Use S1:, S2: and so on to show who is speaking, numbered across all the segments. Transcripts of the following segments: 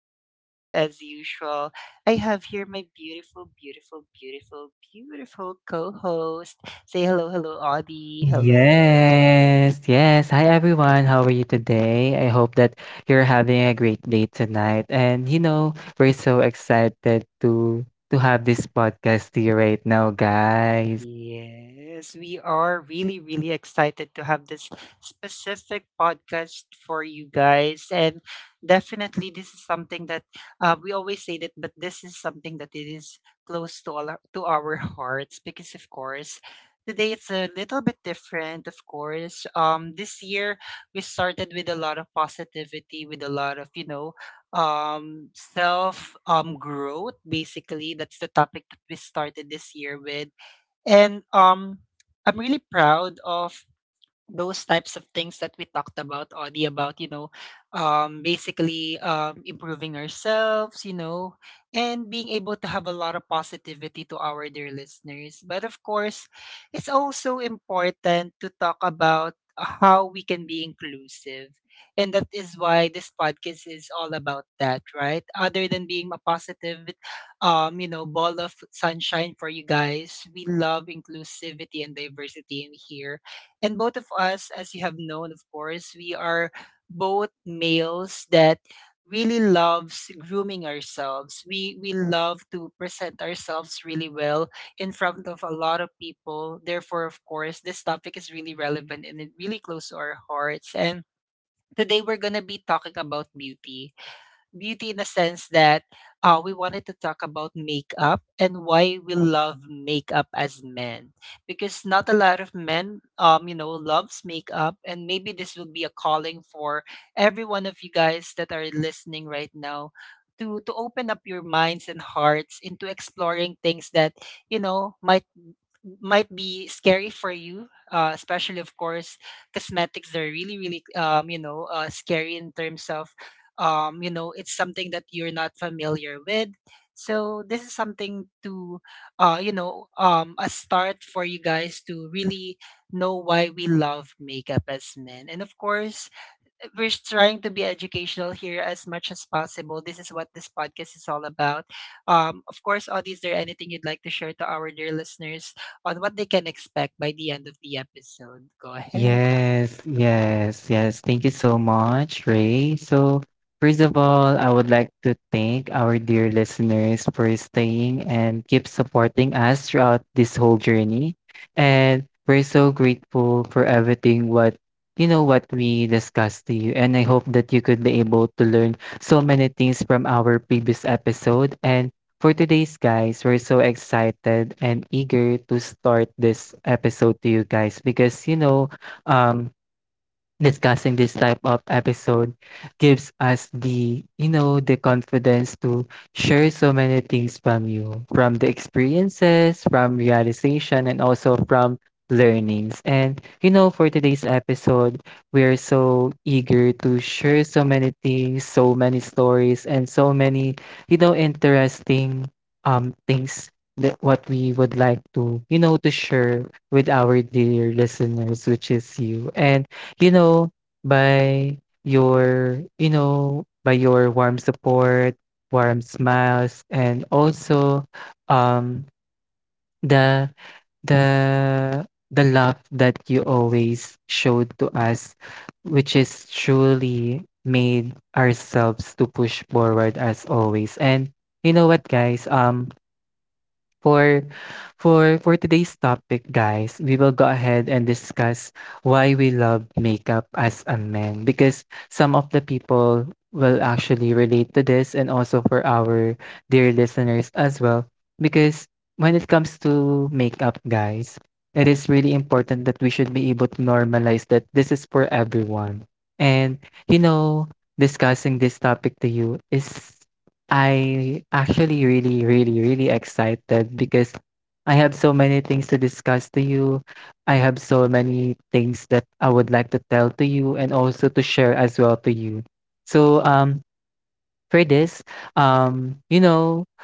S1: And of course, as usual, I have here my beautiful, beautiful, beautiful, beautiful co host. Say hello, hello, Audie. Hello.
S2: Yes, yes. Hi everyone. How are you today? I hope that you're having a great day tonight. And you know, we're so excited to have this podcast to you right now, guys.
S1: Yes, we are really, really excited to have this specific podcast for you guys. And definitely, this is something that we always say that, but this is something that it is close to, all our, to our hearts because, of course, today it's a little bit different, of course. This year, we started with a lot of positivity, with a lot of, self growth. Basically, that's the topic that we started this year with. And, um, I'm really proud of those types of things that we talked about, Audie, about, basically improving ourselves, you know, and being able to have a lot of positivity to our dear listeners. But of course, it's also important to talk about how we can be inclusive, and that is why this podcast is all about that, right? Other than being a positive, you know, ball of sunshine for you guys, we love inclusivity and diversity in here. And both of us, as you have known, of course, we are both males that really loves grooming ourselves. We love to present ourselves really well in front of a lot of people. Therefore, of course, this topic is really relevant, and it really close to our hearts. And today we're gonna be talking about beauty, beauty in the sense that we wanted to talk about makeup and why we love makeup as men, because not a lot of men you know, loves makeup. And maybe this will be a calling for every one of you guys that are listening right now to open up your minds and hearts into exploring things that, you know, might be scary for you, especially, of course, cosmetics are really, really, you know, scary in terms of, you know, it's something that you're not familiar with. So this is something to, you know, a start for you guys to really know why we love makeup as men. And of course, we're trying to be educational here as much as possible. This is what this podcast is all about. Of course, Audie, is there anything you'd like to share to our dear listeners on what they can expect by the end of the episode? Go ahead.
S2: Yes, yes, yes. Thank you so much, Ray. So, first of all, I would like to thank our dear listeners for staying and keep supporting us throughout this whole journey. And we're so grateful for everything what we discussed to you. And I hope that you could be able to learn so many things from our previous episode. And for today's guys, we're so excited and eager to start this episode to you guys because you know um, discussing this type of episode gives us the the confidence to share so many things from you from the experiences from realization and also from learnings and you know for today's episode we're so eager to share so many things so many stories and so many you know interesting things that what we would like to to share with our dear listeners which is you. And you know, by your warm support, warm smiles, and also um the the the love that you always showed to us, which is truly made ourselves to push forward as always. And you know what, guys? For today's topic, guys, we will go ahead and discuss why we love makeup as a man because some of the people will actually relate to this and also for our dear listeners as well because when it comes to makeup, guys, it is really important that we should be able to normalize that this is for everyone. And you know, discussing this topic to you is, I actually really, really, really excited because I have so many things to discuss to you. I have so many things that I would like to tell to you and also to share as well to you. So for this, you know,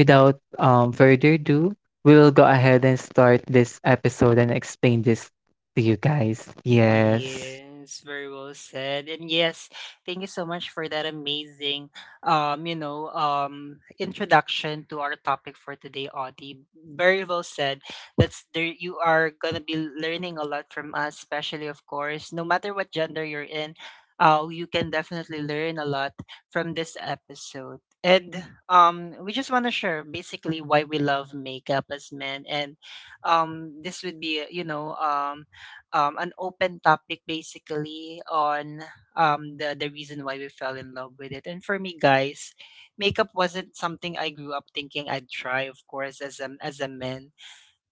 S2: without further ado, we will go ahead and start this episode and explain this to you guys. Yes.
S1: Yes, very well said. And yes, thank you so much for that amazing, you know, introduction to our topic for today, Audie. Very well said. That's there you are gonna be learning a lot from us, especially of course, no matter what gender you're in, you can definitely learn a lot from this episode. And we just wanna share basically why we love makeup as men. And this would be, you know, an open topic basically on, the reason why we fell in love with it. And for me, guys, makeup wasn't something I grew up thinking I'd try. Of course, as a man,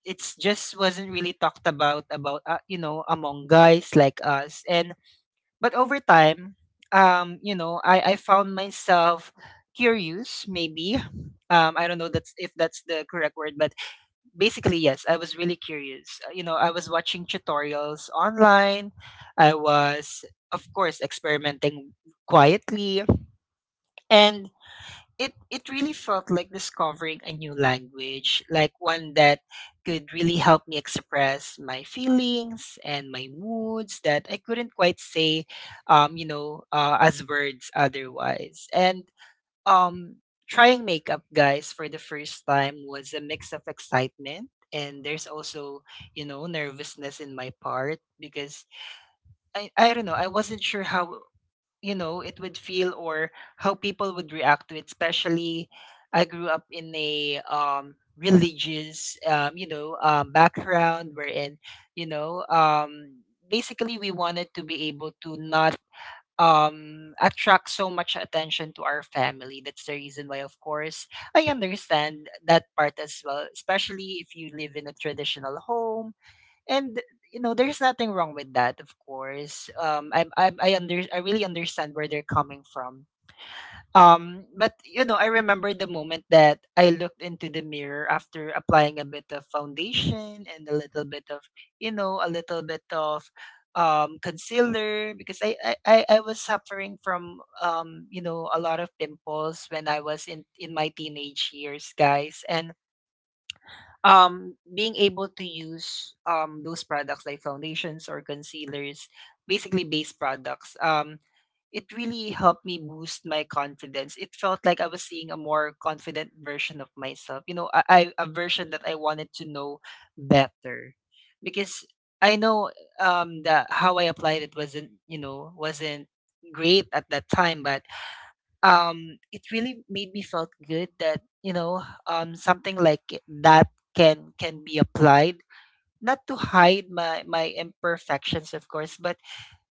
S1: it's just wasn't really talked about, you know, among guys like us. And but over time, you know, I found myself curious, maybe, I don't know, that's if that's the correct word, but basically, yes, I was really curious. You know, I was watching tutorials online. I was, of course, experimenting quietly, and it really felt like discovering a new language, like one that could really help me express my feelings and my moods that I couldn't quite say, you know, as words otherwise. And um trying makeup, guys, for the first time was a mix of excitement, and there's also, you know, nervousness in my part, because I don't know, I wasn't sure how, you know, it would feel, or how people would react to it. Especially, I grew up in a religious, you know, background, wherein, you know, basically we wanted to be able to not attract so much attention to our family. That's the reason why, of course, I understand that part as well, especially if you live in a traditional home. And, you know, there's nothing wrong with that, of course. I really understand where they're coming from. But you know, I remember the moment that I looked into the mirror after applying a bit of foundation and a little bit of, you know, a little bit of concealer, because I was suffering from, you know, a lot of pimples when I was in my teenage years, guys. And being able to use those products like foundations or concealers, basically base products. It really helped me boost my confidence. It felt like I was seeing a more confident version of myself. You know, I a version that I wanted to know better, because I know that how I applied it wasn't, you know, wasn't great at that time. But it really made me felt good that, you know, something like that can be applied, not to hide my my imperfections, of course, but,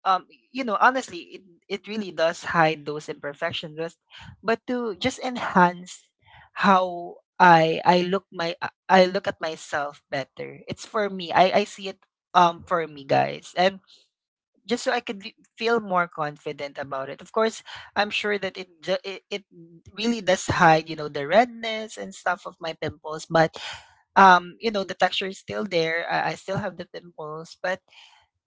S1: um you know, honestly, it really does hide those imperfections, but to just enhance how I look. My I look at myself better. It's for me. I see it, for me, guys. And just so feel more confident about it. Of course, I'm sure that it, it really does hide, you know, the redness and stuff of my pimples. But you know, the texture is still there. I still have the pimples. But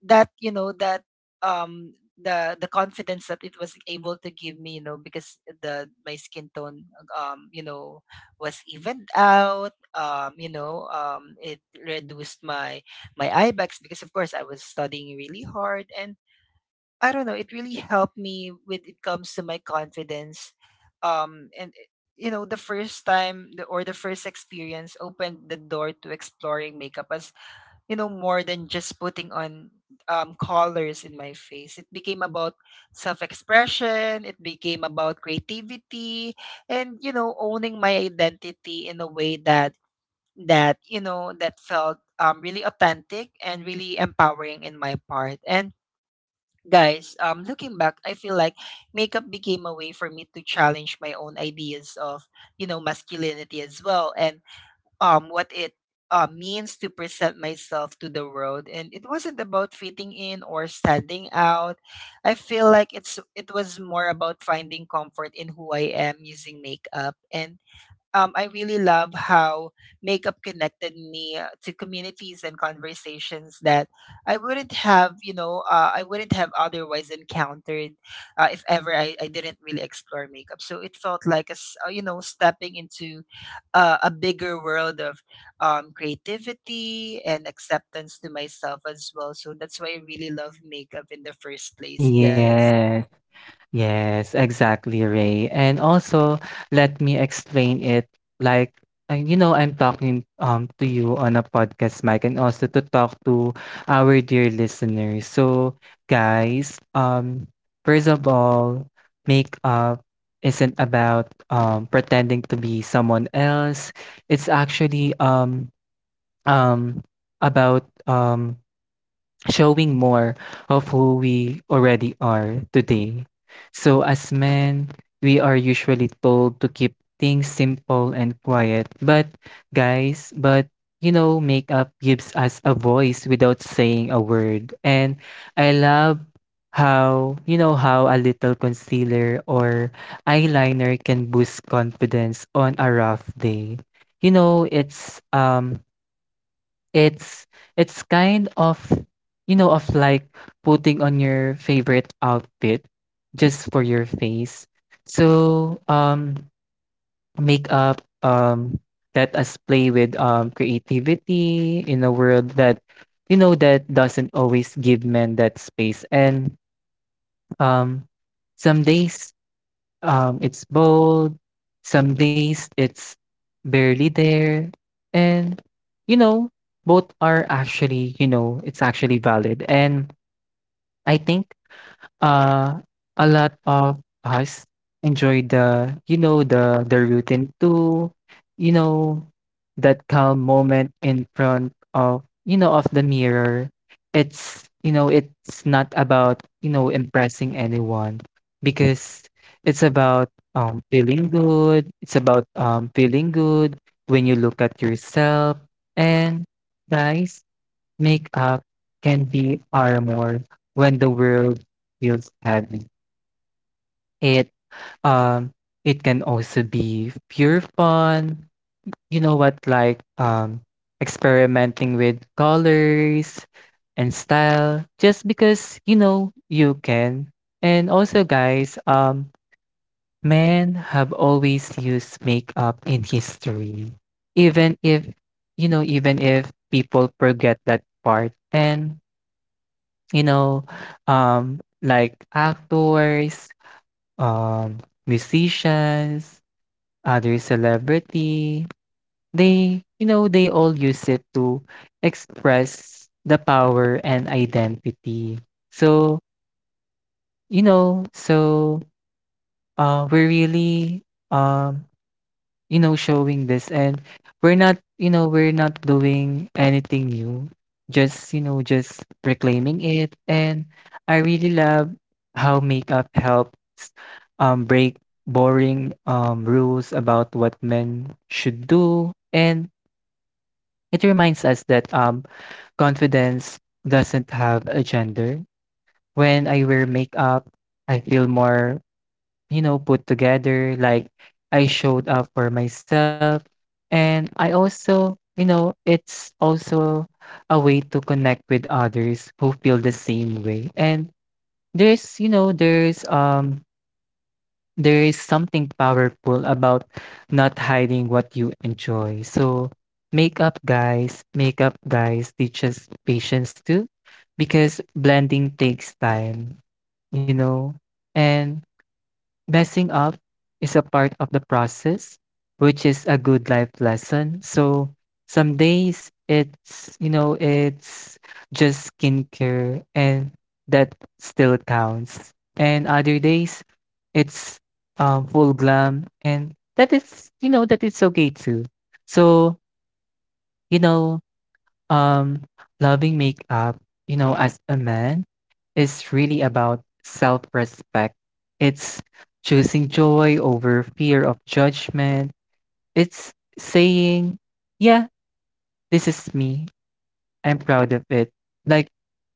S1: that, you know, that, the confidence that it was able to give me, you know, because the my skin tone, you know, was evened out. You know, it reduced my my eye bags, because of course, I was studying really hard. And I don't know, it really helped me with it comes to my confidence. And you know, the first experience opened the door to exploring makeup as, you know, more than just putting on, colors in my face. It became about self expression, it became about creativity, and, you know, owning my identity in a way that, you know, that felt, really authentic and really empowering in my part. And guys, looking back, I feel like makeup became a way for me to challenge my own ideas of, you know, masculinity as well. And what it, means to present myself to the world. And it wasn't about fitting in or standing out. I feel like it was more about finding comfort in who I am using makeup. And I really love how makeup connected me, to communities and conversations that I wouldn't have, you know, I wouldn't have otherwise encountered, if ever I didn't really explore makeup. So it felt like, you know, stepping into, a bigger world of, creativity and acceptance to myself as well. So that's why I really love makeup in the first place, guys.
S2: Yes. Yes, exactly, Ray. And also, let me explain it like you know, I'm talking to you on a podcast mic and also to talk to our dear listeners. So, guys, first of all, makeup isn't about pretending to be someone else. It's actually um about showing more of who we already are today. So, as men, we are usually told to keep things simple and quiet. But, guys, but you know, makeup gives us a voice without saying a word. And I love how, you know, how a little concealer or eyeliner can boost confidence on a rough day. You know, it's kind of, you know, of like putting on your favorite outfit just for your face. So, makeup let us play with creativity in a world that you know that doesn't always give men that space. And um some days it's bold. Some days it's barely there. And, you know, both are actually, you know, it's actually valid. And I think uh, a lot of us enjoy the, you know, the routine too, you know, that calm moment in front of, you know, of the mirror. It's, you know, it's not about, you know, impressing anyone because it's about feeling good. It's about feeling good when you look at yourself. And guys, makeup can be armor when the world feels heavy. It um it can also be pure fun. You know what, like experimenting with colors and style just because you know you can. And also, guys, men have always used makeup in history. Even if you know even if people forget that part. And you know, like actors, um, musicians, other celebrity, they, you know, they all use it to express the power and identity. So, you know, so we're really um, you know, showing this and we're not, you know, we're not doing anything new. Just, you know, just reclaiming it. And I really love how makeup helps break boring rules about what men should do. And it reminds us that confidence doesn't have a gender. When I wear makeup, I feel more you know, put together. Like I showed up for myself. And I also, you know, it's also a way to connect with others who feel the same way. And there's, you know, there's there is something powerful about not hiding what you enjoy. So makeup guys teaches patience too because blending takes time, you know. And messing up is a part of the process, which is a good life lesson. So some days it's, you know, it's just skincare and that still counts. And other days it's full glam and that is, you know, that it's okay too. So, you know, um, loving makeup, you know, as a man, is really about self respect. It's choosing joy over fear of judgment. It's saying, yeah, this is me. I'm proud of it. Like,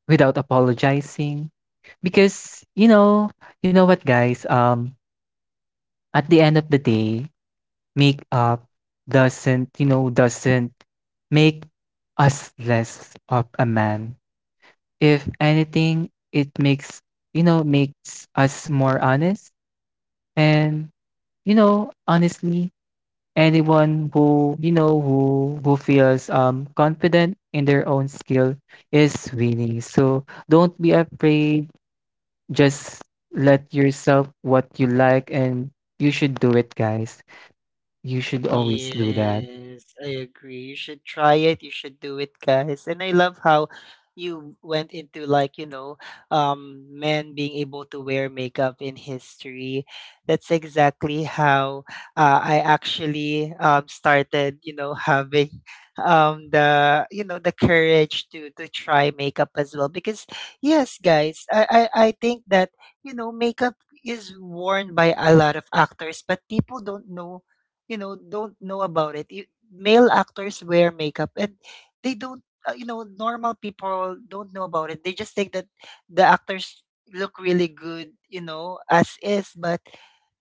S2: without apologizing. Because you know what, guys? At the end of the day, makeup doesn't you know doesn't make us less of a man. If anything, it makes, you know, makes us more honest. And, you know, honestly, anyone who, you know, who feels confident in their own skill is winning. So don't be afraid. Just let yourself what you like and you should do it, guys. You should always do that.
S1: Yes, I agree. You should try it. You should do it, guys. And I love how you went into like, you know, men being able to wear makeup in history. That's exactly how, I actually started, you know, having the, you know, the courage to try makeup as well. Because yes guys, I think that, you know, makeup is worn by a lot of actors, but people don't know, you know, don't know about it. You, male actors wear makeup, and they don't, you know, normal people don't know about it. They just think that the actors look really good, you know, as is. But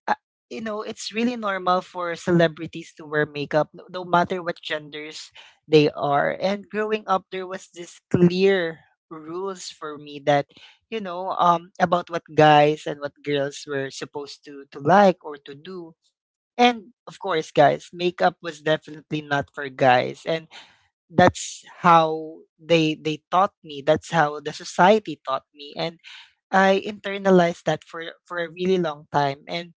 S1: uh, you know, it's really normal for celebrities to wear makeup, no matter what genders they are. And growing up, there was this clear rules for me that, you know, about what guys and what girls were supposed to like or to do. And of course, guys, makeup was definitely not for guys. And that's how they taught me. That's how the society taught me. And I internalized that for a really long time. And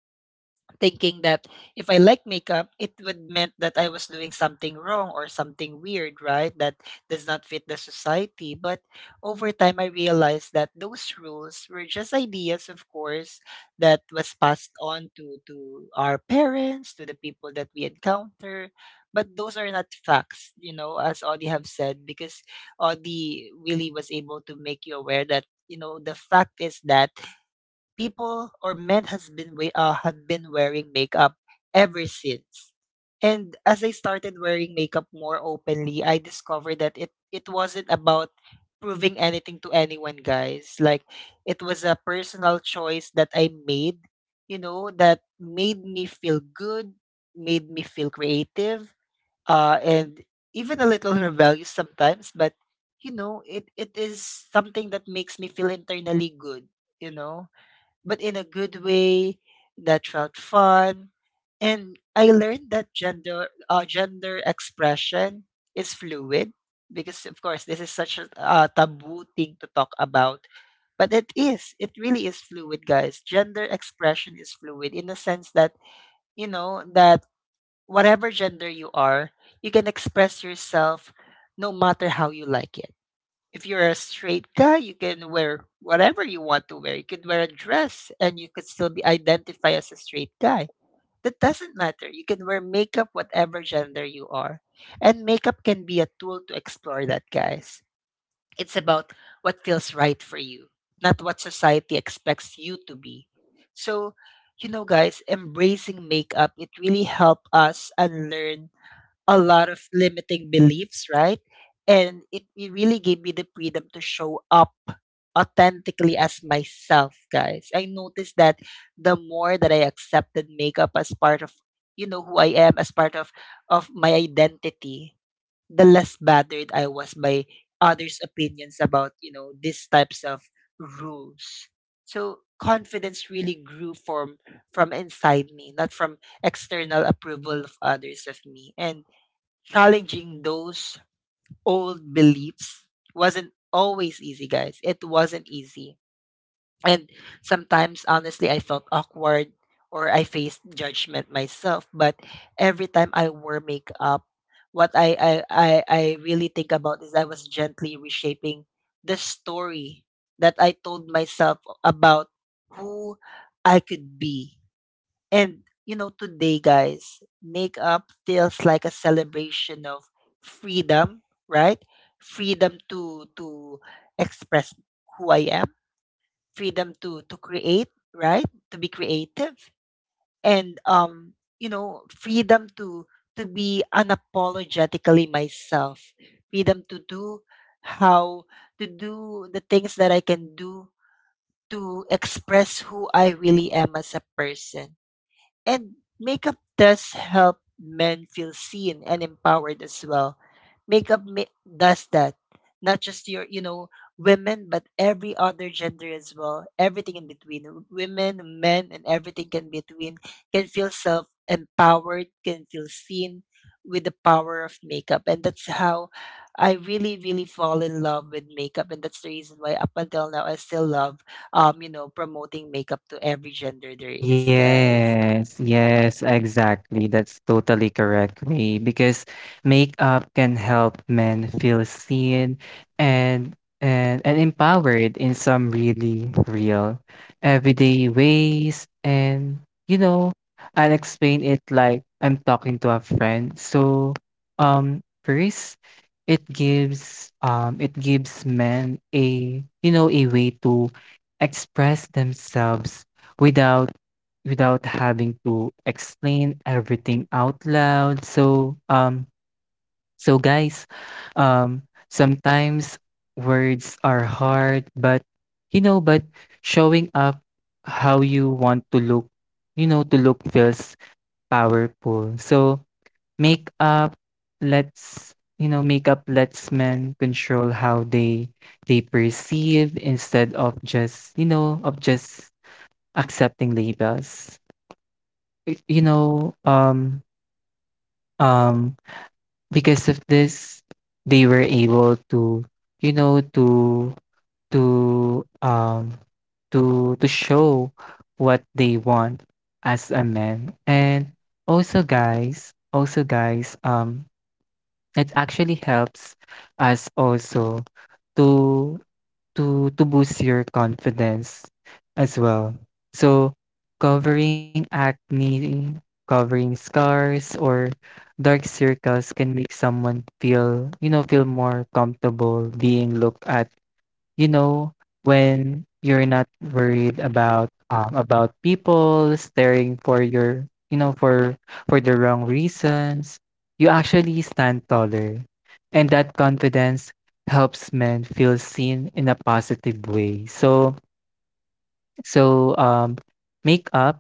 S1: thinking that if I like makeup, it would meant that I was doing something wrong or something weird, right? That does not fit the society. But over time, I realized that those rules were just ideas, of course, that was passed on to our parents, to the people that we encounter. But those are not facts, as Audie have said, because Audie really was able to make you aware that you know the fact is that people or men has been we had been wearing makeup ever since. And as I started wearing makeup more openly, I discovered that it wasn't about proving anything to anyone, guys. Like it was a personal choice that I made, you know, that made me feel good, made me feel creative, and even a little rebellious sometimes, but you know, it is something that makes me feel internally good, you know? But in a good way that felt fun. And I learned that gender expression is fluid because of course this is such a taboo thing to talk about, but it really is fluid, guys. Gender expression is fluid in the sense that, you know, that whatever gender you are, you can express yourself no matter how you like it. If you're a straight guy, you can wear whatever you want to wear. You can wear a dress and you could still be identified as a straight guy. That doesn't matter. You can wear makeup whatever gender you are. And makeup can be a tool to explore that, guys. It's about what feels right for you, not what society expects you to be. So, you know, guys, embracing makeup, it really helped us unlearn a lot of limiting beliefs, right? And it really gave me the freedom to show up authentically as myself, guys. I noticed that the more that I accepted makeup as part of, you know, who I am, as part of my identity, the less bothered I was by others' opinions about, you know, these types of rules. So confidence really grew from inside me, not from external approval of others of me. And challenging those old beliefs wasn't always easy, guys. It wasn't easy. And sometimes, honestly, I felt awkward or I faced judgment myself. But every time I wore makeup, what I really think about is I was gently reshaping the story that I told myself about who I could be. And you know, today, guys, makeup feels like a celebration of freedom, right? Freedom to express who I am, freedom to create, right? To be creative, and you know, freedom to be unapologetically myself, freedom to do how to do the things that I can do to express who I really am as a person. And makeup does help men feel seen and empowered as well. Makeup does that. Not just your, you know, women, but every other gender as well. Everything in between. Women, men, and everything in between can feel self empowered, can feel seen with the power of makeup. And that's how I really, really fall in love with makeup. And that's the reason why up until now I still love you know, promoting makeup to every gender there is, guys.
S2: Yes, yes, exactly. That's totally correct, Ray. Because makeup can help men feel seen and and empowered in some really real everyday ways. And you know, I'll explain it like I'm talking to a friend. So, first it gives men a you know a way to express themselves without having to explain everything out loud. So, so guys, um, sometimes words are hard, but you know, but showing up how you want to look, you know, to look feels powerful. So make up us you know makeup lets men control how they perceive instead of just you know of just accepting labels you know um because of this they were able to you know to um to to show what they want as a man. And also guys, it actually helps us also to boost your confidence as well. So covering acne, covering scars or dark circles can make someone feel, you know, feel more comfortable being looked at. You know, when you're not worried about people staring for your, you know, for the wrong reasons, you actually stand taller. And that confidence helps men feel seen in a positive way. So so um makeup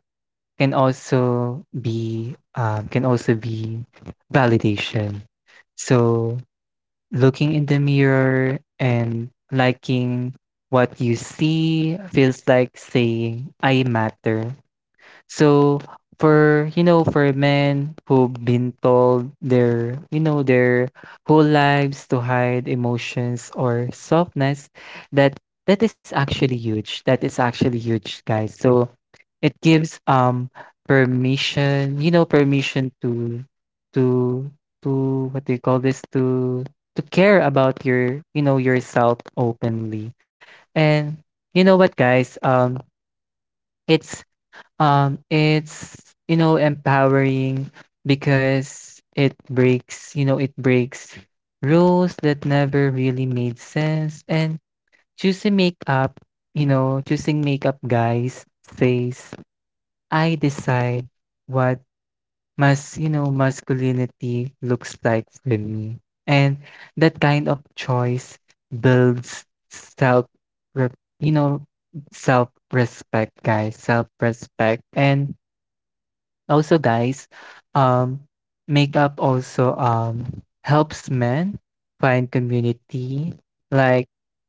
S2: can also be validation. So looking in the mirror and liking what you see feels like saying, I matter. So, for, you know, for men who've been told their, you know, their whole lives to hide emotions or softness, that is actually huge. That is actually huge, guys. So, it gives permission, you know, permission to to to what do you call this? To care about your, you know, yourself openly. And you know what, guys? It's it's you know empowering because it breaks, you know, it breaks rules that never really made sense. And choosing makeup you know, choosing makeup guys says I decide what mas you know, masculinity looks like for me. And that kind of choice builds self you know, self-respect, guys, self-respect. And also guys, um makeup also helps men find community, like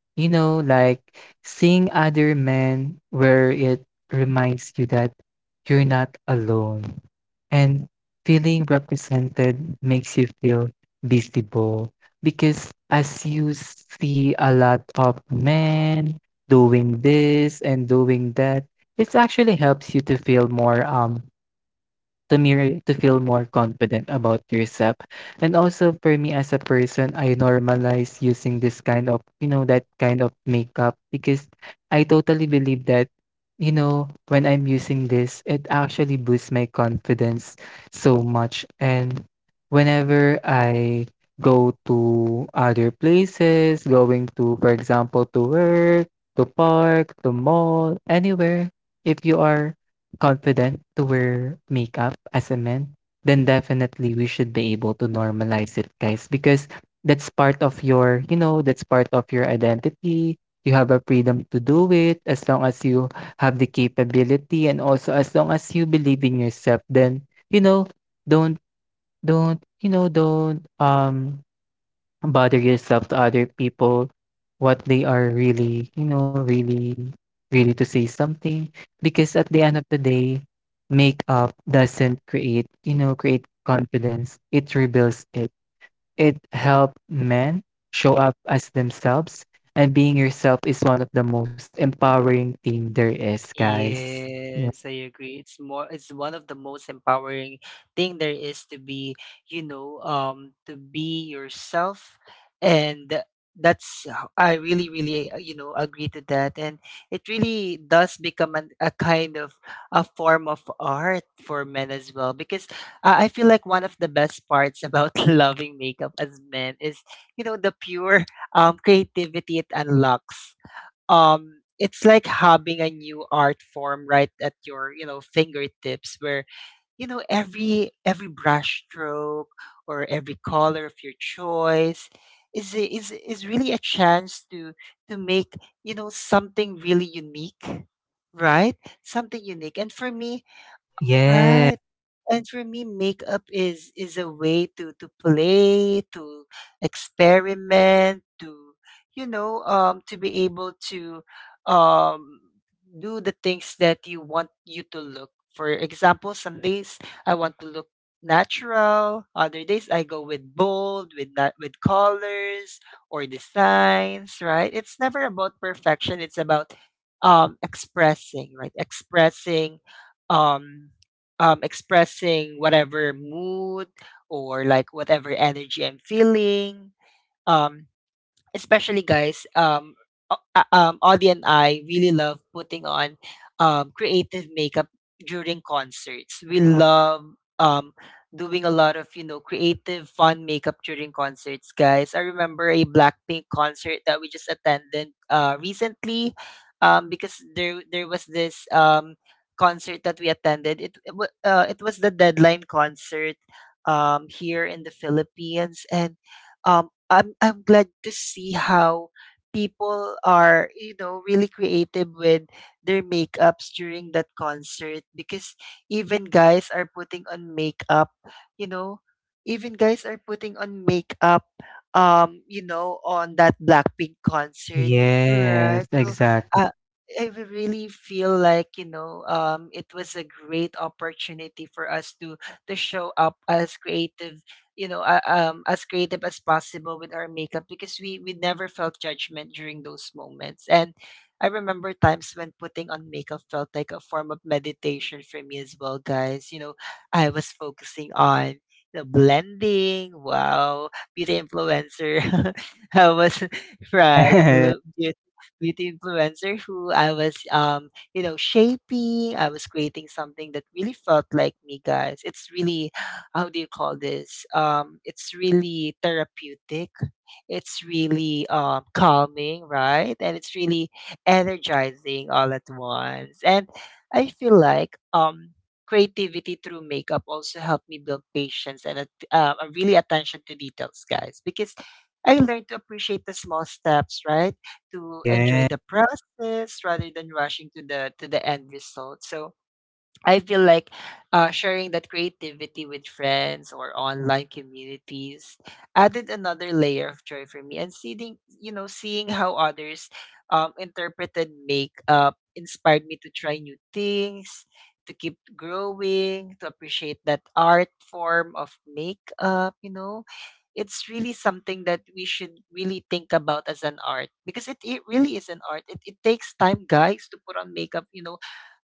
S2: you know, like seeing other men where it reminds you that you're not alone. And feeling represented makes you feel visible because as you see a lot of men doing this and doing that, it actually helps you to feel more to feel more confident about yourself. And also for me as a person, I normalize using this kind of, you know, that kind of makeup because I totally believe that, you know, when I'm using this, it actually boosts my confidence so much. And whenever I go to other places, going to, for example, to work, to park, to mall, anywhere, if you are confident to wear makeup as a man, then definitely we should be able to normalize it, guys, because that's part of your, you know, that's part of your identity. You have a freedom to do it as long as you have the capability and also as long as you believe in yourself, then, you know, don't you know, don't bother yourself to other people, what they are really, you know, really, really to say something. Because at the end of the day, makeup doesn't create, create confidence. It rebuilds it. It help men show up as themselves. And being yourself is one of the most empowering thing there is, guys.
S1: Yes, I agree. It's more it's one of the most empowering thing there is to be, you know, to be yourself. And that's how I really really you know agree to that. And it really does become an, a kind of a form of art for men as well, because I feel like one of the best parts about loving makeup as men is, you know, the pure creativity it unlocks. It's like having a new art form right at your, you know, fingertips, where, you know, every brush stroke or every color of your choice is is really a chance to make, you know, something really unique, right? Something unique. And for me, right.
S2: Yeah.
S1: And for me, makeup is a way to play, to experiment, to, you know, to be able to um do the things that you want you to look. For example, some days I want to look natural. Other days I go with bold, with that, with colors or designs. Right? It's never about perfection. It's about expressing, right? Expressing um expressing whatever mood or like whatever energy I'm feeling. Um, especially guys, Audie and I really love putting on creative makeup during concerts. We love um doing a lot of, you know, creative fun makeup during concerts, guys. I remember a Blackpink concert that we just attended recently. Because there was this concert that we attended. It was the Deadline concert here in the Philippines. And I'm glad to see how people are, you know, really creative with their makeups during that concert, because even guys are putting on makeup, you know. Even guys are putting on makeup, you know, on that Blackpink concert, right?
S2: Yes,
S1: So uh,
S2: exactly.
S1: I really feel like, you know, it was a great opportunity for us to show up as creative, you know, as creative as possible with our makeup, because we never felt judgment during those moments. And I remember times when putting on makeup felt like a form of meditation for me as well, guys. You know, I was focusing on the blending. Wow, beauty influencer. I was right. Beauty, beauty influencer who I was, you know, shaping. I was creating something that really felt like me, guys. It's really, how do you call this? It's really therapeutic. It's really calming, right? And it's really energizing all at once. And I feel like creativity through makeup also helped me build patience and a really attention to details, guys, because I learned to appreciate the small steps, right? To enjoy the
S2: Yes.
S1: process rather than rushing to the end result. So I feel like sharing that creativity with friends or online communities added another layer of joy for me. And seeing, you know, seeing how others interpreted makeup inspired me to try new things, to keep growing, to appreciate that art form of makeup. You know, it's really something that we should really think about as an art, because it really is an art. It takes time, guys, to put on makeup. You know,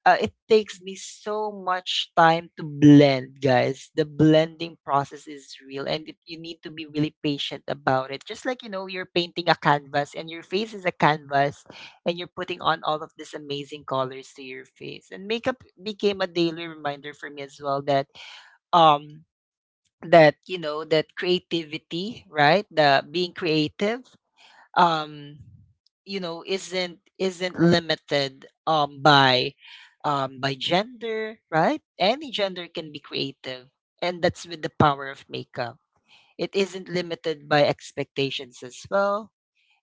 S1: it takes me so much time to blend, guys. The blending process is real, and it, you need to be really patient about it. Just like, you know, you're painting a canvas, and your face is a canvas, and you're putting on all of these amazing colors to your face. And makeup became a daily reminder for me as well that um that, you know, that creativity, right? The being creative, um you know, isn't limited by gender. Right? Any gender can be creative, and that's with the power of makeup. It isn't limited by expectations as well.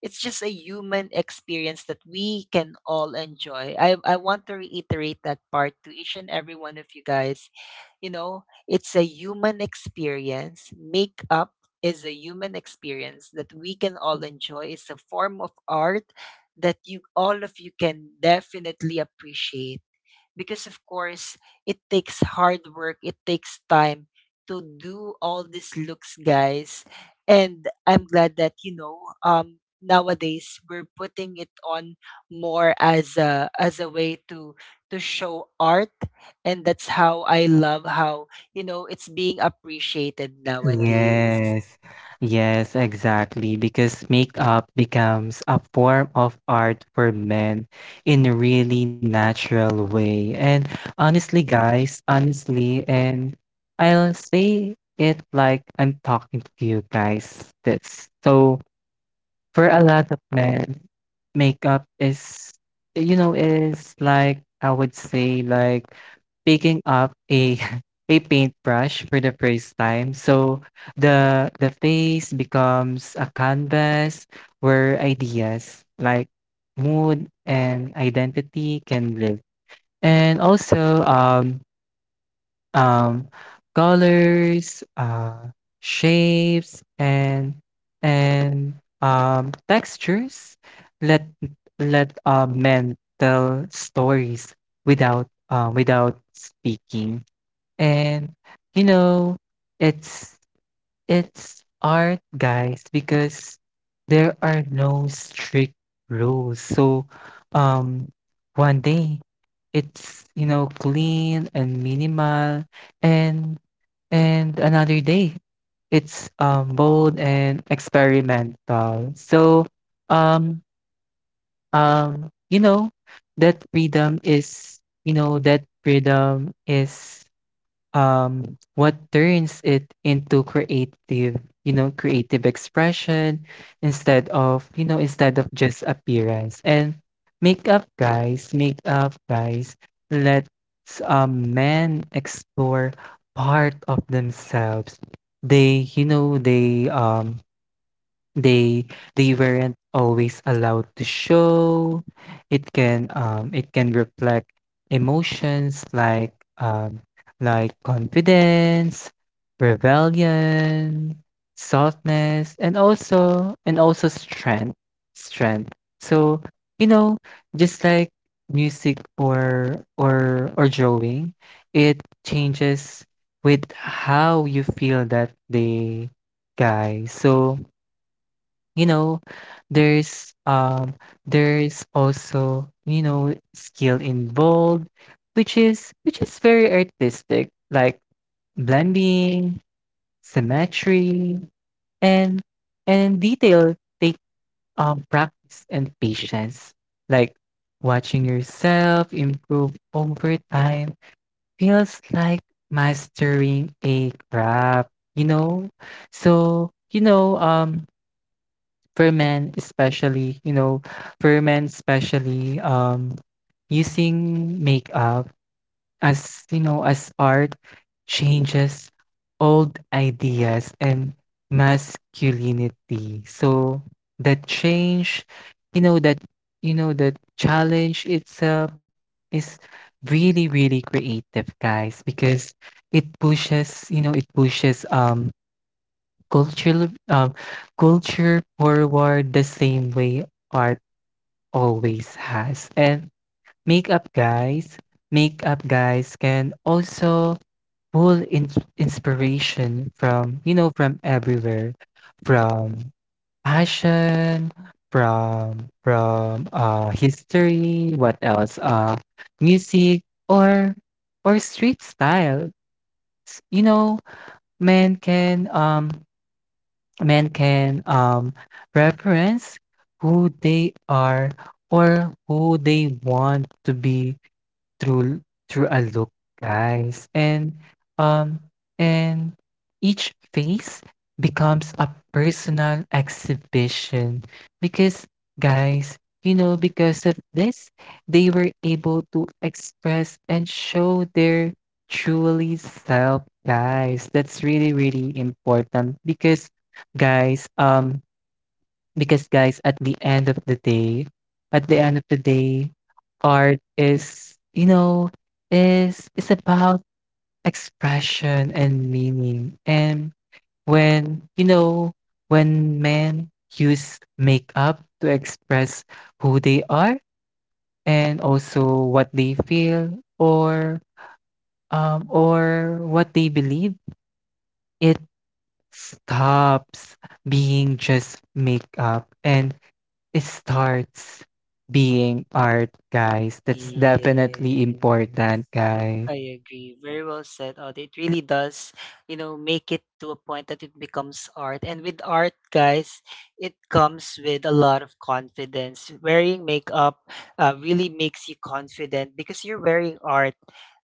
S1: It's just a human experience that we can all enjoy. I want to reiterate that part to each and every one of you guys. You know, it's a human experience. Makeup is a human experience that we can all enjoy. It's a form of art that you all of you can definitely appreciate, because of course it takes hard work, it takes time to do all these looks, guys. And I'm glad that, you know, nowadays we're putting it on more as a way to show art. And that's how I love how, you know, it's being appreciated nowadays.
S2: Yes, yes, exactly. Because makeup becomes a form of art for men in a really natural way. And honestly, guys, honestly, and I'll say it like I'm talking to you guys. That's so for a lot of men, makeup is, like I would say like picking up a a paintbrush for the first time. So the face becomes a canvas where ideas like mood and identity can live. And also um, colors, shapes, and textures. Let let men tell stories without without speaking, and you know it's it's art, guys, because there are no strict rules. So, um, one day it's, clean and minimal and and another day. It's bold and experimental. So um um you know that freedom is that freedom is what turns it into creative, creative expression instead of, instead of just appearance. And makeup guys, let's men explore part of themselves. They, you know, they um They they weren't always allowed to show. It can reflect emotions like confidence, rebellion, softness, and also strength. So you know, just like music or or drawing, it changes with how you feel that day, guys. So you know there's um there's also you know skill involved which is very artistic like blending, symmetry, and and detail take practice and patience like watching yourself improve over time feels like mastering a craft, you know. So for men especially, you know, for men especially, using makeup as, as art changes old ideas and masculinity. So that change, you know, that that challenge itself is really, really creative, guys, because it pushes, it pushes culture, culture forward the same way art always has. And makeup guys, makeup guys can also pull in inspiration from, from everywhere, from fashion, from history, what else? Music or or street style. You know, men can um men can, reference who they are or who they want to be through a look, guys. And um and each face becomes a personal exhibition because guys, because of this, they were able to express and show their truly self, guys. That's really really important because guys, um because guys, at the end of the day, art is, is about expression and meaning. And when, when men use makeup to express who they are and also what they feel or what they believe, it stops being just makeup and starts being art, guys. That's
S1: Yeah.
S2: definitely important, guys.
S1: I agree. Very well said, Audie. It really does, you know, make it to a point that it becomes art. And with art, guys, it comes with a lot of confidence. Wearing makeup really makes you confident because you're wearing art.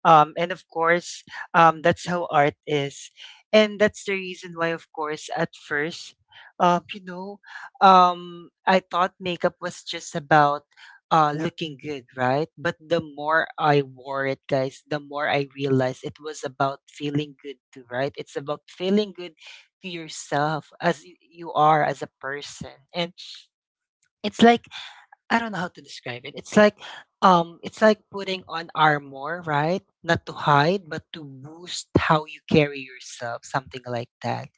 S1: And of course, that's how art is. And that's the reason why, of course, at first, you know, I thought makeup was just about Yep. Looking good, right? But the more I wore it, guys, the more I realized it was about feeling good too, right? It's about feeling good to yourself as you are as a person. And it's like I don't know how to describe it. It's like putting on armor, right? Not to hide, but to boost how you carry yourself, something like that.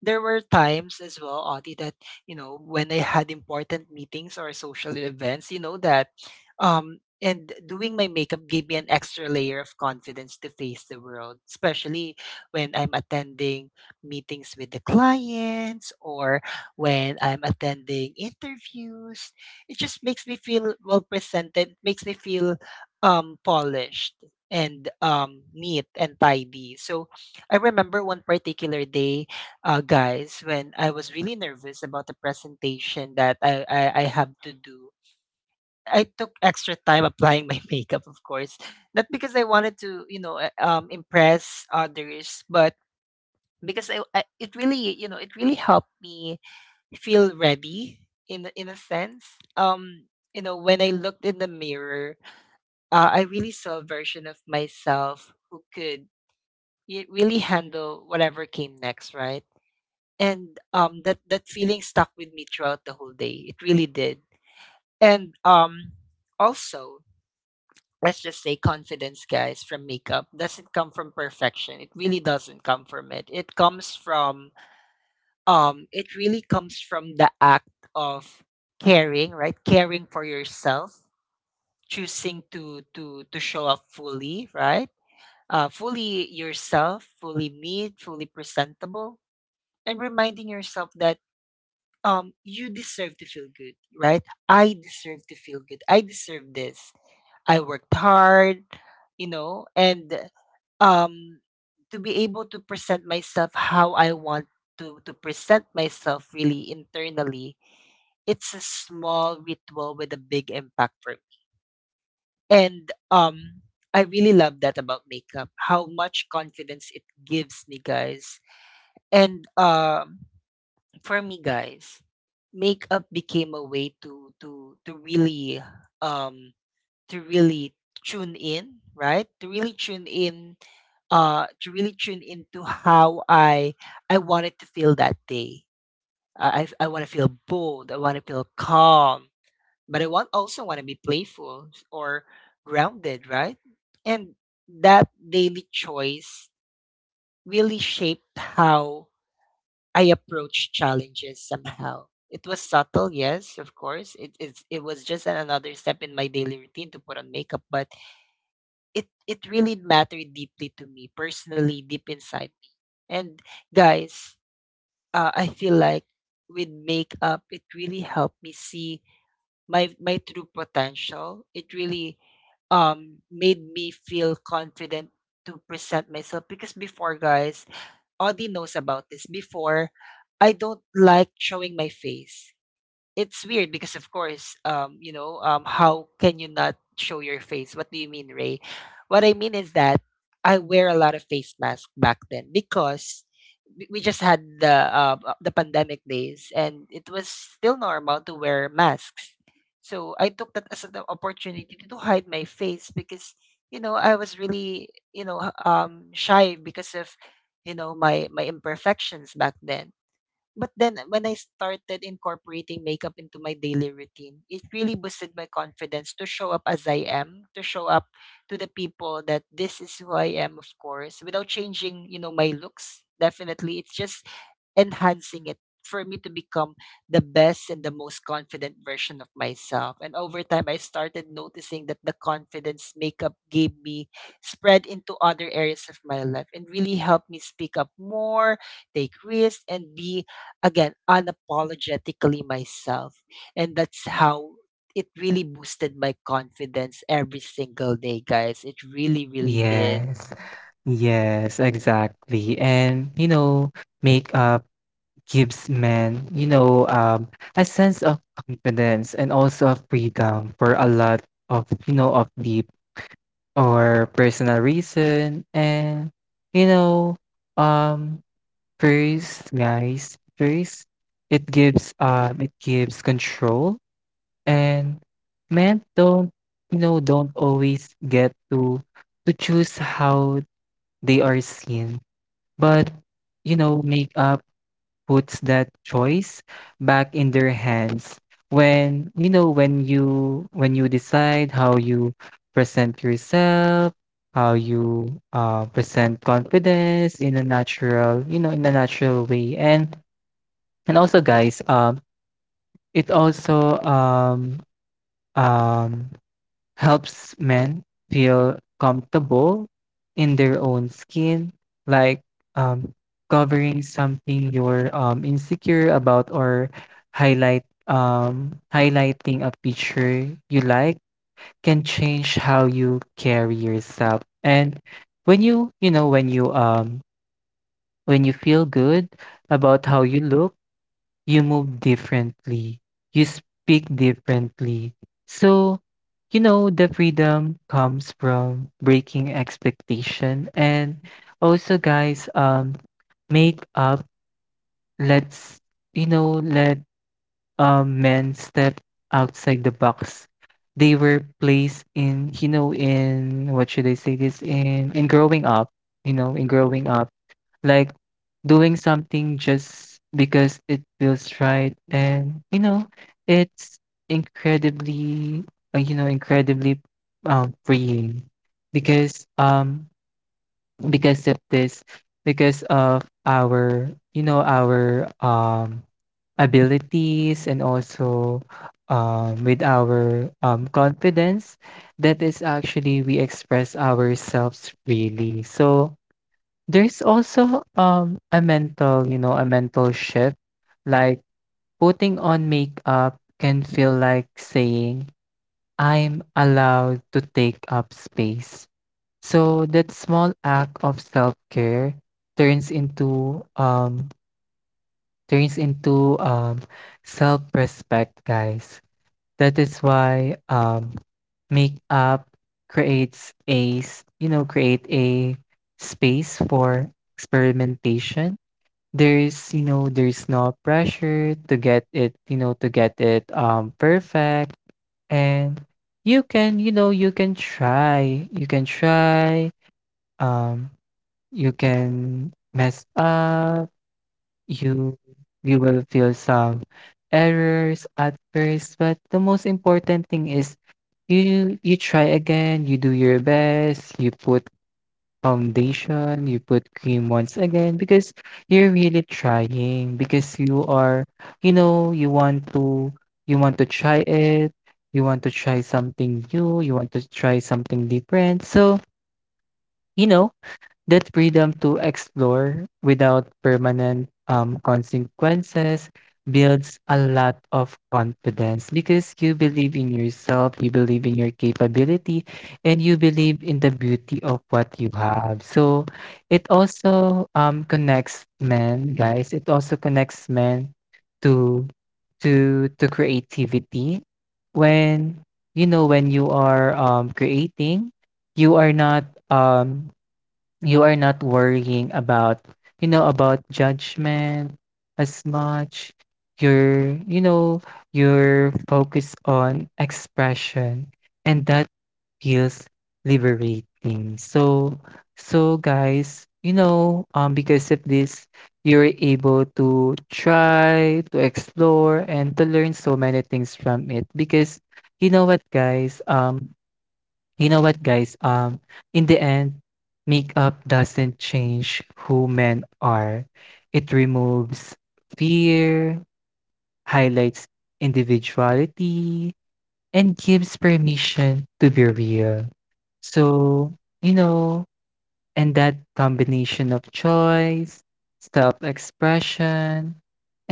S1: There were times as well, Audie, that, you know, when I had important meetings or social events, you know, that and doing my makeup gave me an extra layer of confidence to face the world, especially when I'm attending meetings with the clients or when I'm attending interviews. It just makes me feel well presented, makes me feel polished and neat and tidy. So I remember one particular day, guys, when I was really nervous about the presentation that I have to do. I took extra time applying my makeup, of course, not because I wanted to, impress others, but because I it really, you know, it really helped me feel ready in a sense. When I looked in the mirror, I really saw a version of myself who could really handle whatever came next, right? And that feeling stuck with me throughout the whole day. It really did. And also, let's just say confidence, guys, from makeup doesn't come from perfection. It really doesn't come from it. It comes from um it really comes from the act of caring. Right? Caring for yourself, choosing to show up fully. Right? Fully yourself, fully me, fully presentable, and reminding yourself that you deserve to feel good. Right? I deserve to feel good. I deserve this. I worked hard, you know. And um to be able to present myself how I want to present myself, really, internally. It's a small ritual with a big impact for me. And I really love that about makeup, how much confidence it gives me, guys. And for me, guys, makeup became a way um to really tune in. Right? To really tune in. To really tune into how I wanted to feel that day. I want to feel bold. I want to feel calm. But I want also want to be playful or grounded. Right? And that daily choice really shaped how I approach challenges somehow. It was subtle, yes, of course. It was just another step in my daily routine to put on makeup. But it really mattered deeply to me personally, deep inside me. And, guys, I feel like with makeup, it really helped me see my true potential. It really made me feel confident to present myself, because before, guys, Audie knows about this. Before, I don't like showing my face. It's weird, because, of course, how can you not show your face? What do you mean, Ray? What I mean is that I wear a lot of face mask back then, because we just had the pandemic days, and it was still normal to wear masks. So I took that as an opportunity to hide my face, because, you know, I was really, you know, shy, because of, you know, my imperfections back then. But then when I started incorporating makeup into my daily routine, it really boosted my confidence to show up as I am, to show up to the people that this is who I am, of course, without changing, you know, my looks. Definitely. It's just enhancing it for me to become the best and the most confident version of myself. And over time, I started noticing that the confidence makeup gave me spread into other areas of my life, and really helped me speak up more, take risks, and be, again, unapologetically myself. And that's how it really boosted my confidence every single day, guys. It really, really did.
S2: Yes, yes, exactly. And, you know, makeup gives men, a sense of confidence and also of freedom for a lot of, of deep or personal reason. And, you know, um, first, it gives control. And men don't, don't always get to choose how they are seen. But, you know, makeup puts that choice back in their hands. When, you when you decide how you present yourself, how you present confidence in a natural, in a natural way. And also guys, it also um helps men feel comfortable in their own skin, like, um, covering something you're, insecure about or highlight highlighting a picture you like can change how you carry yourself. And when you you know, when you, um, when you feel good about how you look, you move differently, you speak differently. So, you know, the freedom comes from breaking expectation. And also guys, make up lets, let men step outside the box. They were placed in, you know, in what should I say this, in growing up, in growing up like doing something just because it feels right. And you know, it's incredibly, incredibly freeing because um because of this, because of our, our abilities and also with our confidence, that is actually we express ourselves freely. So there's also, a mental, a mental shift. Like putting on makeup can feel like saying, I'm allowed to take up space. So that small act of self-care turns into um turns into self-respect, guys. That is why makeup creates a, create a space for experimentation. There's, there's no pressure to get it, perfect. And you can, you can try. You can try. Um, you can mess up. You you will feel some errors at first, but the most important thing is you try again, you do your best, you put foundation, you put cream once again because you're really trying because you are, you want to, try it, you want to try something new, you want to try something different. So, you know, that freedom to explore without permanent consequences builds a lot of confidence because you believe in yourself, you believe in your capability, and you believe in the beauty of what you have. So it also, connects men, guys. It also connects men to to creativity when when you are creating, you are not um you are not worrying about, about judgment as much. You're, you're focused on expression, and that feels liberating. So, guys, because of this, you're able to try, to explore, and to learn so many things from it. Because you know what, guys, um, you know what, guys? In the end, makeup doesn't change who men are. It removes fear, highlights individuality, and gives permission to be real. So, you know, and that combination of choice, self-expression,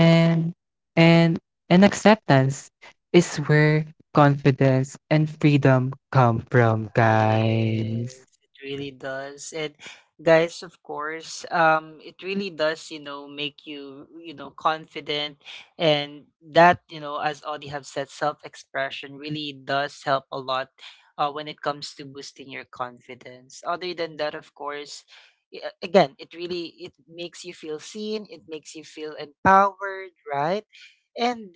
S2: and and and acceptance is where confidence and freedom come from,
S1: Yes,
S2: guys.
S1: it really does. And, guys, of course, it really does, you know, make you, you know, confident. And that, you know, as Audie have said, self-expression really does help a lot, when it comes to boosting your confidence. Other than that, of course, again, it makes you feel seen. It makes you feel empowered, right? And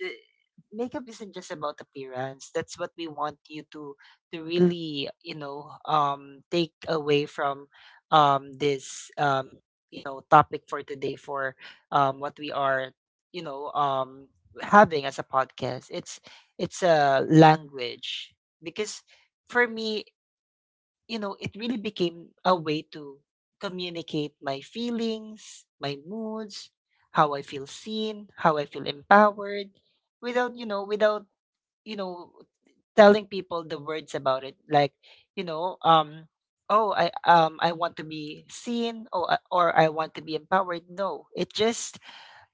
S1: makeup isn't just about appearance. That's what we want you to really, take away from this topic for today, for what we are, you know, having as a podcast. It's a language, because for me, you know, it really became a way to communicate my feelings, my moods, how I feel seen, how I feel empowered, without you know without you know telling people the words about it, like, you know um oh, I want to be seen, or I want to be empowered. No, it just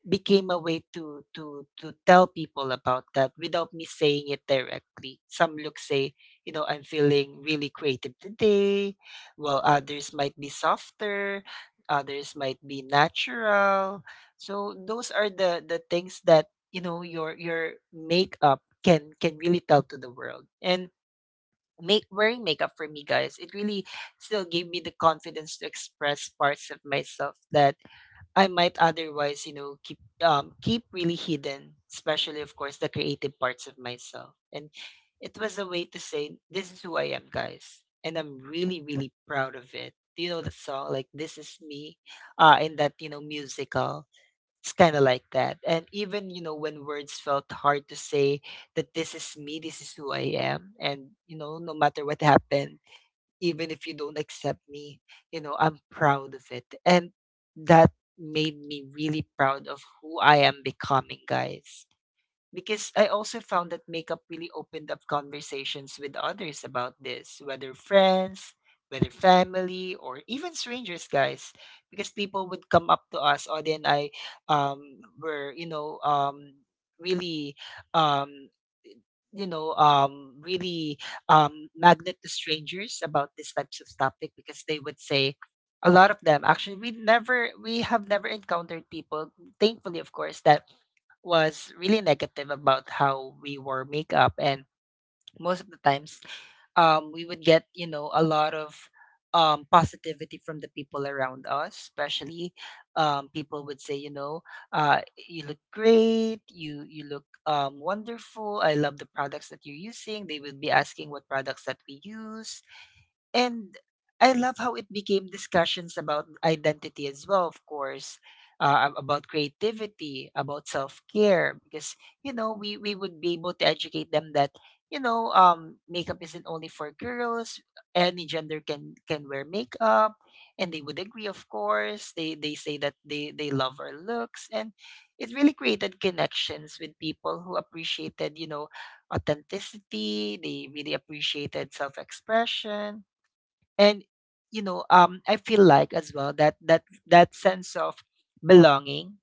S1: became a way to tell people about that without me saying it directly. Some looks say, you know, I'm feeling really creative today, while others might be softer, others might be natural. So those are the things that your makeup can really tell to the world. And make wearing makeup for me, guys, it really still gave me the confidence to express parts of myself that I might otherwise, you know, keep really hidden, especially, of course, the creative parts of myself. And it was a way to say, this is who I am, guys. And I'm really, really proud of it. Do you know the song, like, This Is Me? In that, you know, musical. It's kinda like that. And, even, when words felt hard to say that this is me, this is who I am, and, no matter what happened, even if you don't accept me, I'm proud of it. And that made me really proud of who I am becoming, guys. Because I also found that makeup really opened up conversations with others about this, whether friends, whether family, or even strangers, guys. Because people would come up to us, Audie and I um, were, really. Um, you know really magnet to strangers about these types of topic, because they would say a lot of them, actually. We have never encountered people, thankfully, of course, that was really negative about how we wore makeup. And most of the times, we would get, you know, a lot of positivity from the people around us, especially, people would say, you know, you look great, you look, wonderful. I love the products that you're using. They would be asking what products that we use. And I love how it became discussions about identity, as well, of course, about creativity, about self care, because, you know, we would be able to educate them that, you know, makeup isn't only for girls. Any gender can wear makeup, and they would agree, of course. They say that they love our looks, and it really created connections with people who appreciated, you know, authenticity. They really appreciated self expression. And, you know, I feel like, as well, that that sense of belonging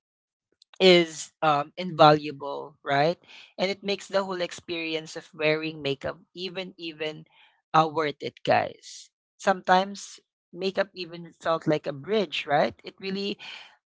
S1: is invaluable, right? And it makes the whole experience of wearing makeup even worth it, guys. Sometimes makeup even felt like a bridge, right? It really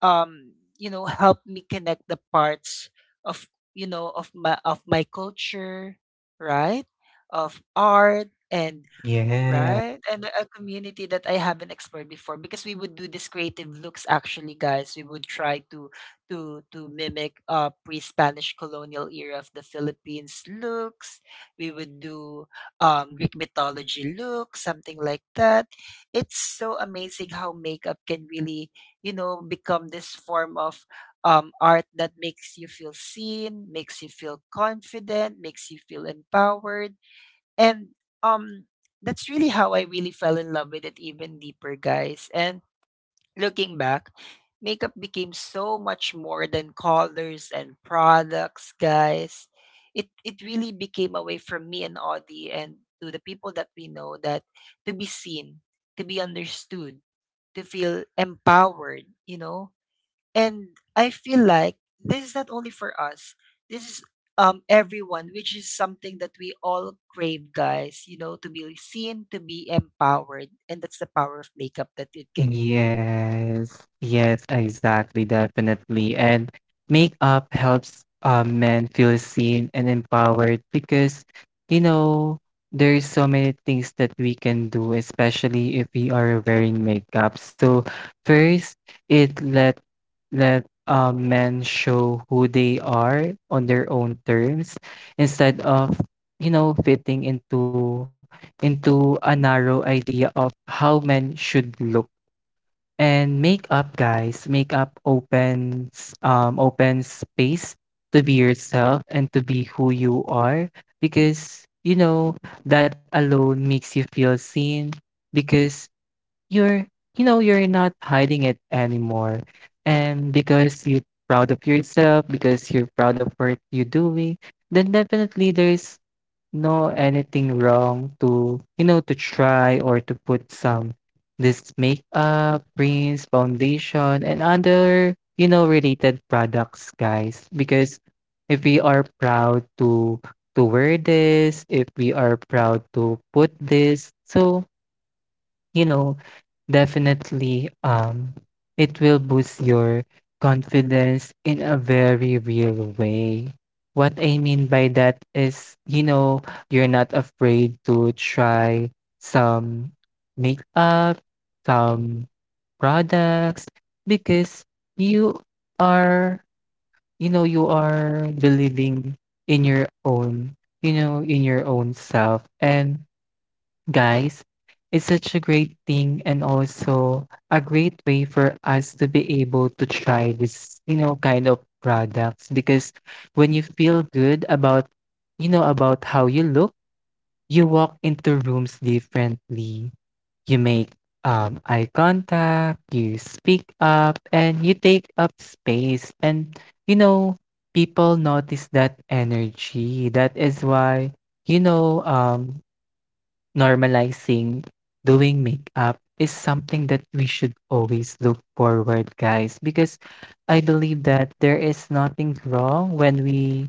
S1: um helped me connect the parts of you know of my culture, right? Of art, and
S2: Yeah.
S1: right? And a community that I haven't explored before, because we would do these creative looks, actually, guys. We would try to mimic pre-Spanish colonial era of the Philippines looks. We would do Greek mythology looks, something like that. It's so amazing how makeup can really, you know, become this form of art that makes you feel seen, makes you feel confident, makes you feel empowered. And um that's really how I really fell in love with it, even deeper, guys. And looking back, makeup became so much more than colors and products, guys. It really became a way for me and Audie, and to the people that we know, that to be seen, to be understood, to feel empowered, you know. And I feel like this is not only for us. This is everyone, which is something that we all crave, guys, you know, to be seen, to be empowered. And that's the power of makeup that it can give.
S2: Yes, yes, exactly, definitely. And makeup helps men feel seen and empowered because, you know, there's so many things that we can do, especially if we are wearing makeup. So first, it let let men show who they are on their own terms instead of, fitting into a narrow idea of how men should look. And makeup, guys, makeup opens, opens space to be yourself and to be who you are, because you know that alone makes you feel seen because you're, you're not hiding it anymore, and because you're proud of yourself because you're proud of what you're doing. Then definitely there's no anything wrong to, to try or to put some this makeup, creams, foundation, and other, related products, guys. Because if we are proud to wear this, if we are proud to put this, so, you know, definitely it will boost your confidence in a very real way. What I mean by that is, you know, you're not afraid to try some makeup, some products because you are, you are believing in your own, in your own self, and guys, it's such a great thing and also a great way for us to be able to try this, kind of products. Because when you feel good about, about how you look, you walk into rooms differently. You make eye contact, you speak up, and you take up space. And, you know, people notice that energy. That is why, you know, um, normalizing doing makeup is something that we should always look forward, guys, because I believe that there is nothing wrong when we,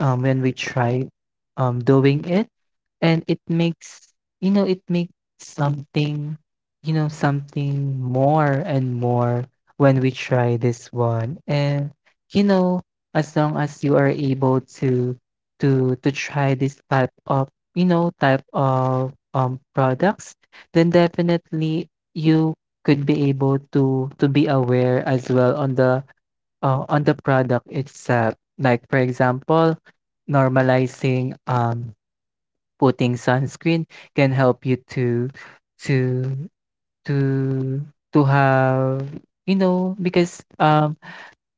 S2: when we try, doing it. And it makes, you know it makes something, something more and more when we try this one. And you know as long as you are able to try this type of, type of products, then definitely you could be able to be aware as well on the product itself. Like for example, normalizing putting sunscreen can help you to to to have, because um,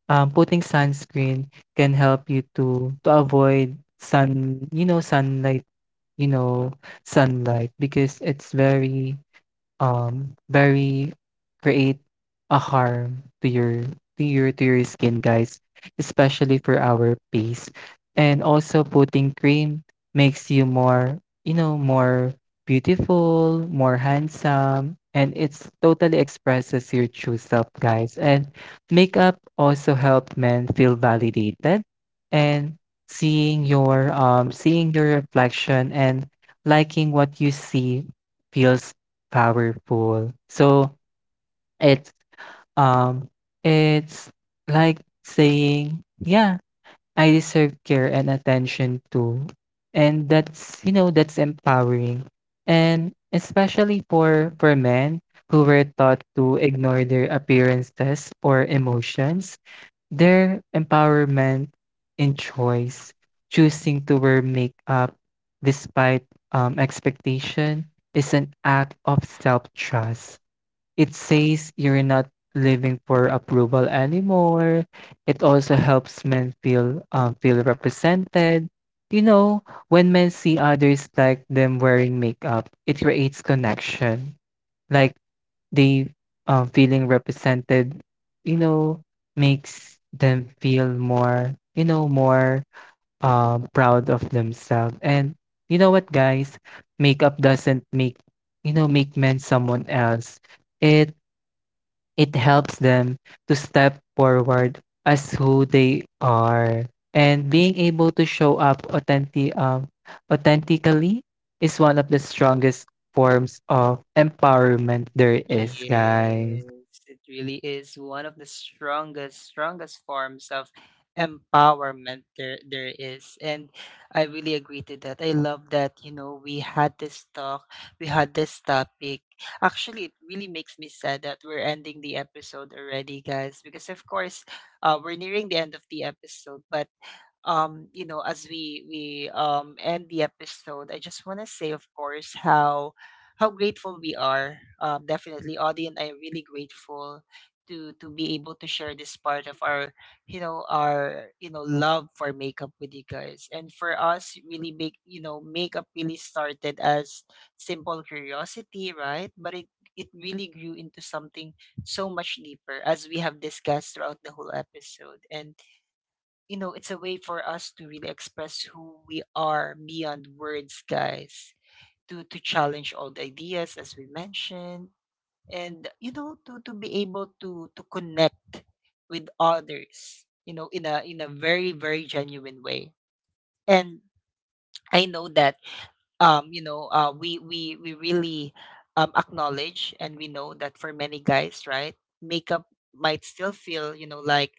S2: um putting sunscreen can help you to avoid sun, sunlight, you know sunlight, because it's very, very create a harm to your, to your skin, guys, especially for our face. And also putting cream makes you more, more beautiful, more handsome, and it's totally expresses your true self, guys. And makeup also help men feel validated. And seeing your reflection and liking what you see feels powerful. So it's um it's like saying, yeah, I deserve care and attention too. And that's, that's empowering. And especially for men who were taught to ignore their appearances or emotions, their empowerment in choice, choosing to wear makeup despite expectation is an act of self-trust. It says you're not living for approval anymore. It also helps men feel, feel represented. You know, when men see others like them wearing makeup, it creates connection. Like they, feeling represented, you know, makes them feel more, more proud of themselves. And you know what, guys, makeup doesn't make, make men someone else. It it helps them to step forward as who they are. And being able to show up authentic, authentically is one of the strongest forms of empowerment there is,
S1: Yes,
S2: guys.
S1: it really is one of the strongest, strongest forms of empowerment there is. And I really agree to that. I love that, you know, we had this talk, we had this topic. Actually, it really makes me sad that we're ending the episode already, guys, because, of course, we're nearing the end of the episode. But, you know, as we end the episode, I just want to say, of course, how grateful we are. Definitely, Audie and I are really grateful to be able to share this part of our love for makeup with you guys. And for us, really makeup really started as simple curiosity, right? But it really grew into something so much deeper, as we have discussed throughout the whole episode. And, you know, it's a way for us to really express who we are beyond words, guys. To challenge old ideas, as we mentioned, and you know, to be able to connect with others, you know, in a very genuine way. And I know that you know, we really acknowledge, and we know that for many guys, right, makeup might still feel like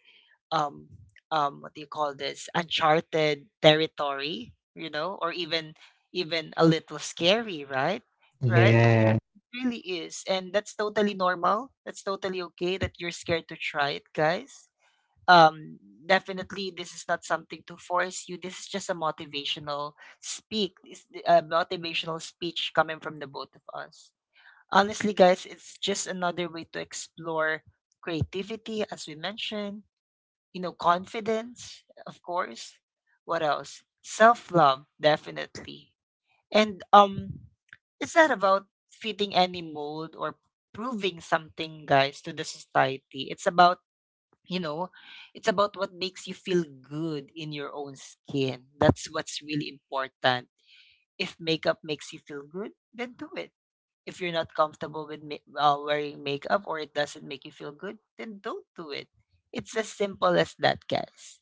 S1: um what do you call this, uncharted territory, you know, or even a little scary, right? Right it
S2: Yes.
S1: really is, and that's totally normal. That's totally okay that you're scared to try it, guys. um Definitely, this is not something to force you. This is just a motivational a motivational speech coming from the both of us. Honestly, guys, it's just another way to explore creativity, as we mentioned, you know, confidence, of course. What else? Self love, definitely. And it's not about fitting any mold or proving something, guys, to the society. It's about you know, it's about what makes you feel good in your own skin. That's what's really important. If makeup makes you feel good, then do it. If you're not comfortable with wearing makeup, or it doesn't make you feel good, then don't do it. It's as simple as that, guys,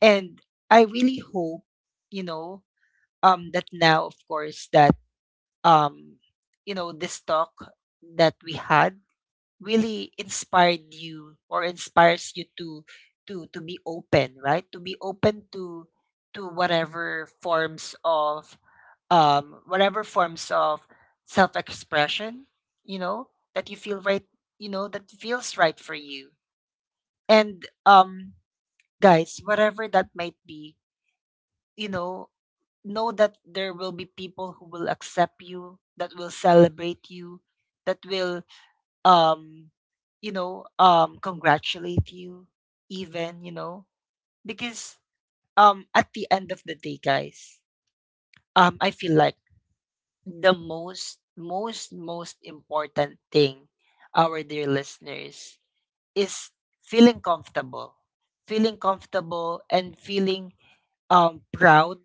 S1: and I really hope, you know that now, of course, that um this talk that we had really inspired you, or inspires you, to to be open, right? To be open to to whatever forms of whatever forms of self expression, you know, that you feel right, you know, that feels right for you. And, guys, whatever that might be, you know that there will be people who will accept you, that will celebrate you, that will um congratulate you even, you know, because at the end of the day, guys, I feel like the most important thing, our dear listeners, is feeling comfortable, feeling comfortable and feeling proud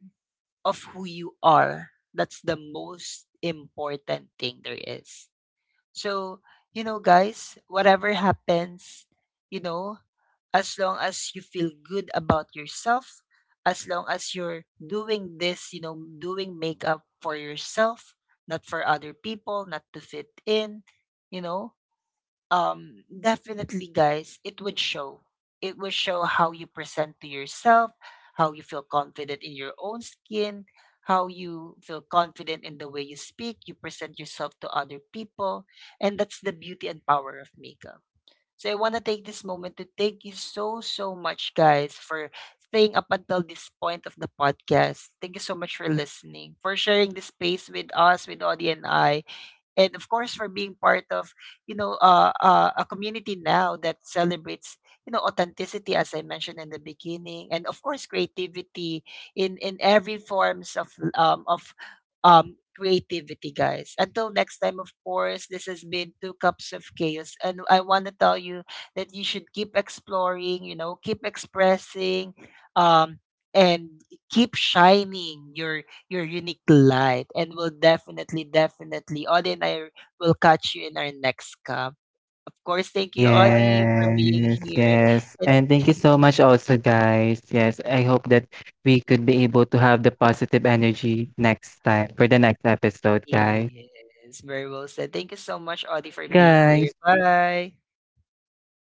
S1: of who you are. That's the most important thing there is. So, you know, guys, whatever happens, you know, as long as you feel good about yourself, as long as you're doing this, you know, doing makeup for yourself, not for other people, not to fit in, you know, definitely, guys, it would show, it would show how you present to yourself, how you feel confident in your own skin, how you feel confident in the way you speak, you present yourself to other people. And that's the beauty and power of makeup. So I want to take this moment to thank you so so much, guys, for staying up until this point of the podcast. Thank you so much for listening, for sharing this space with us, with Audie and I, and of course for being part of, you know, a community now that celebrates, you know, authenticity, as I mentioned in the beginning, and of course creativity in every forms of creativity, guys. Until next time, of course, this has been Two Cups of Chaos, and I want to tell you that you should keep exploring, you know, keep expressing, um, and keep shining your unique light. And will definitely, definitely, Audie and I will catch you in our next cup. Of course, thank you, Audie, for being
S2: Yes.
S1: here.
S2: Yes.
S1: And
S2: And thank you so much also, guys. Yes. I hope that we could be able to have the positive energy next time for the next episode, guys.
S1: yes, very well said. Thank you so much, Audie,
S2: Bye,
S1: for being here.
S2: guys.
S1: Bye.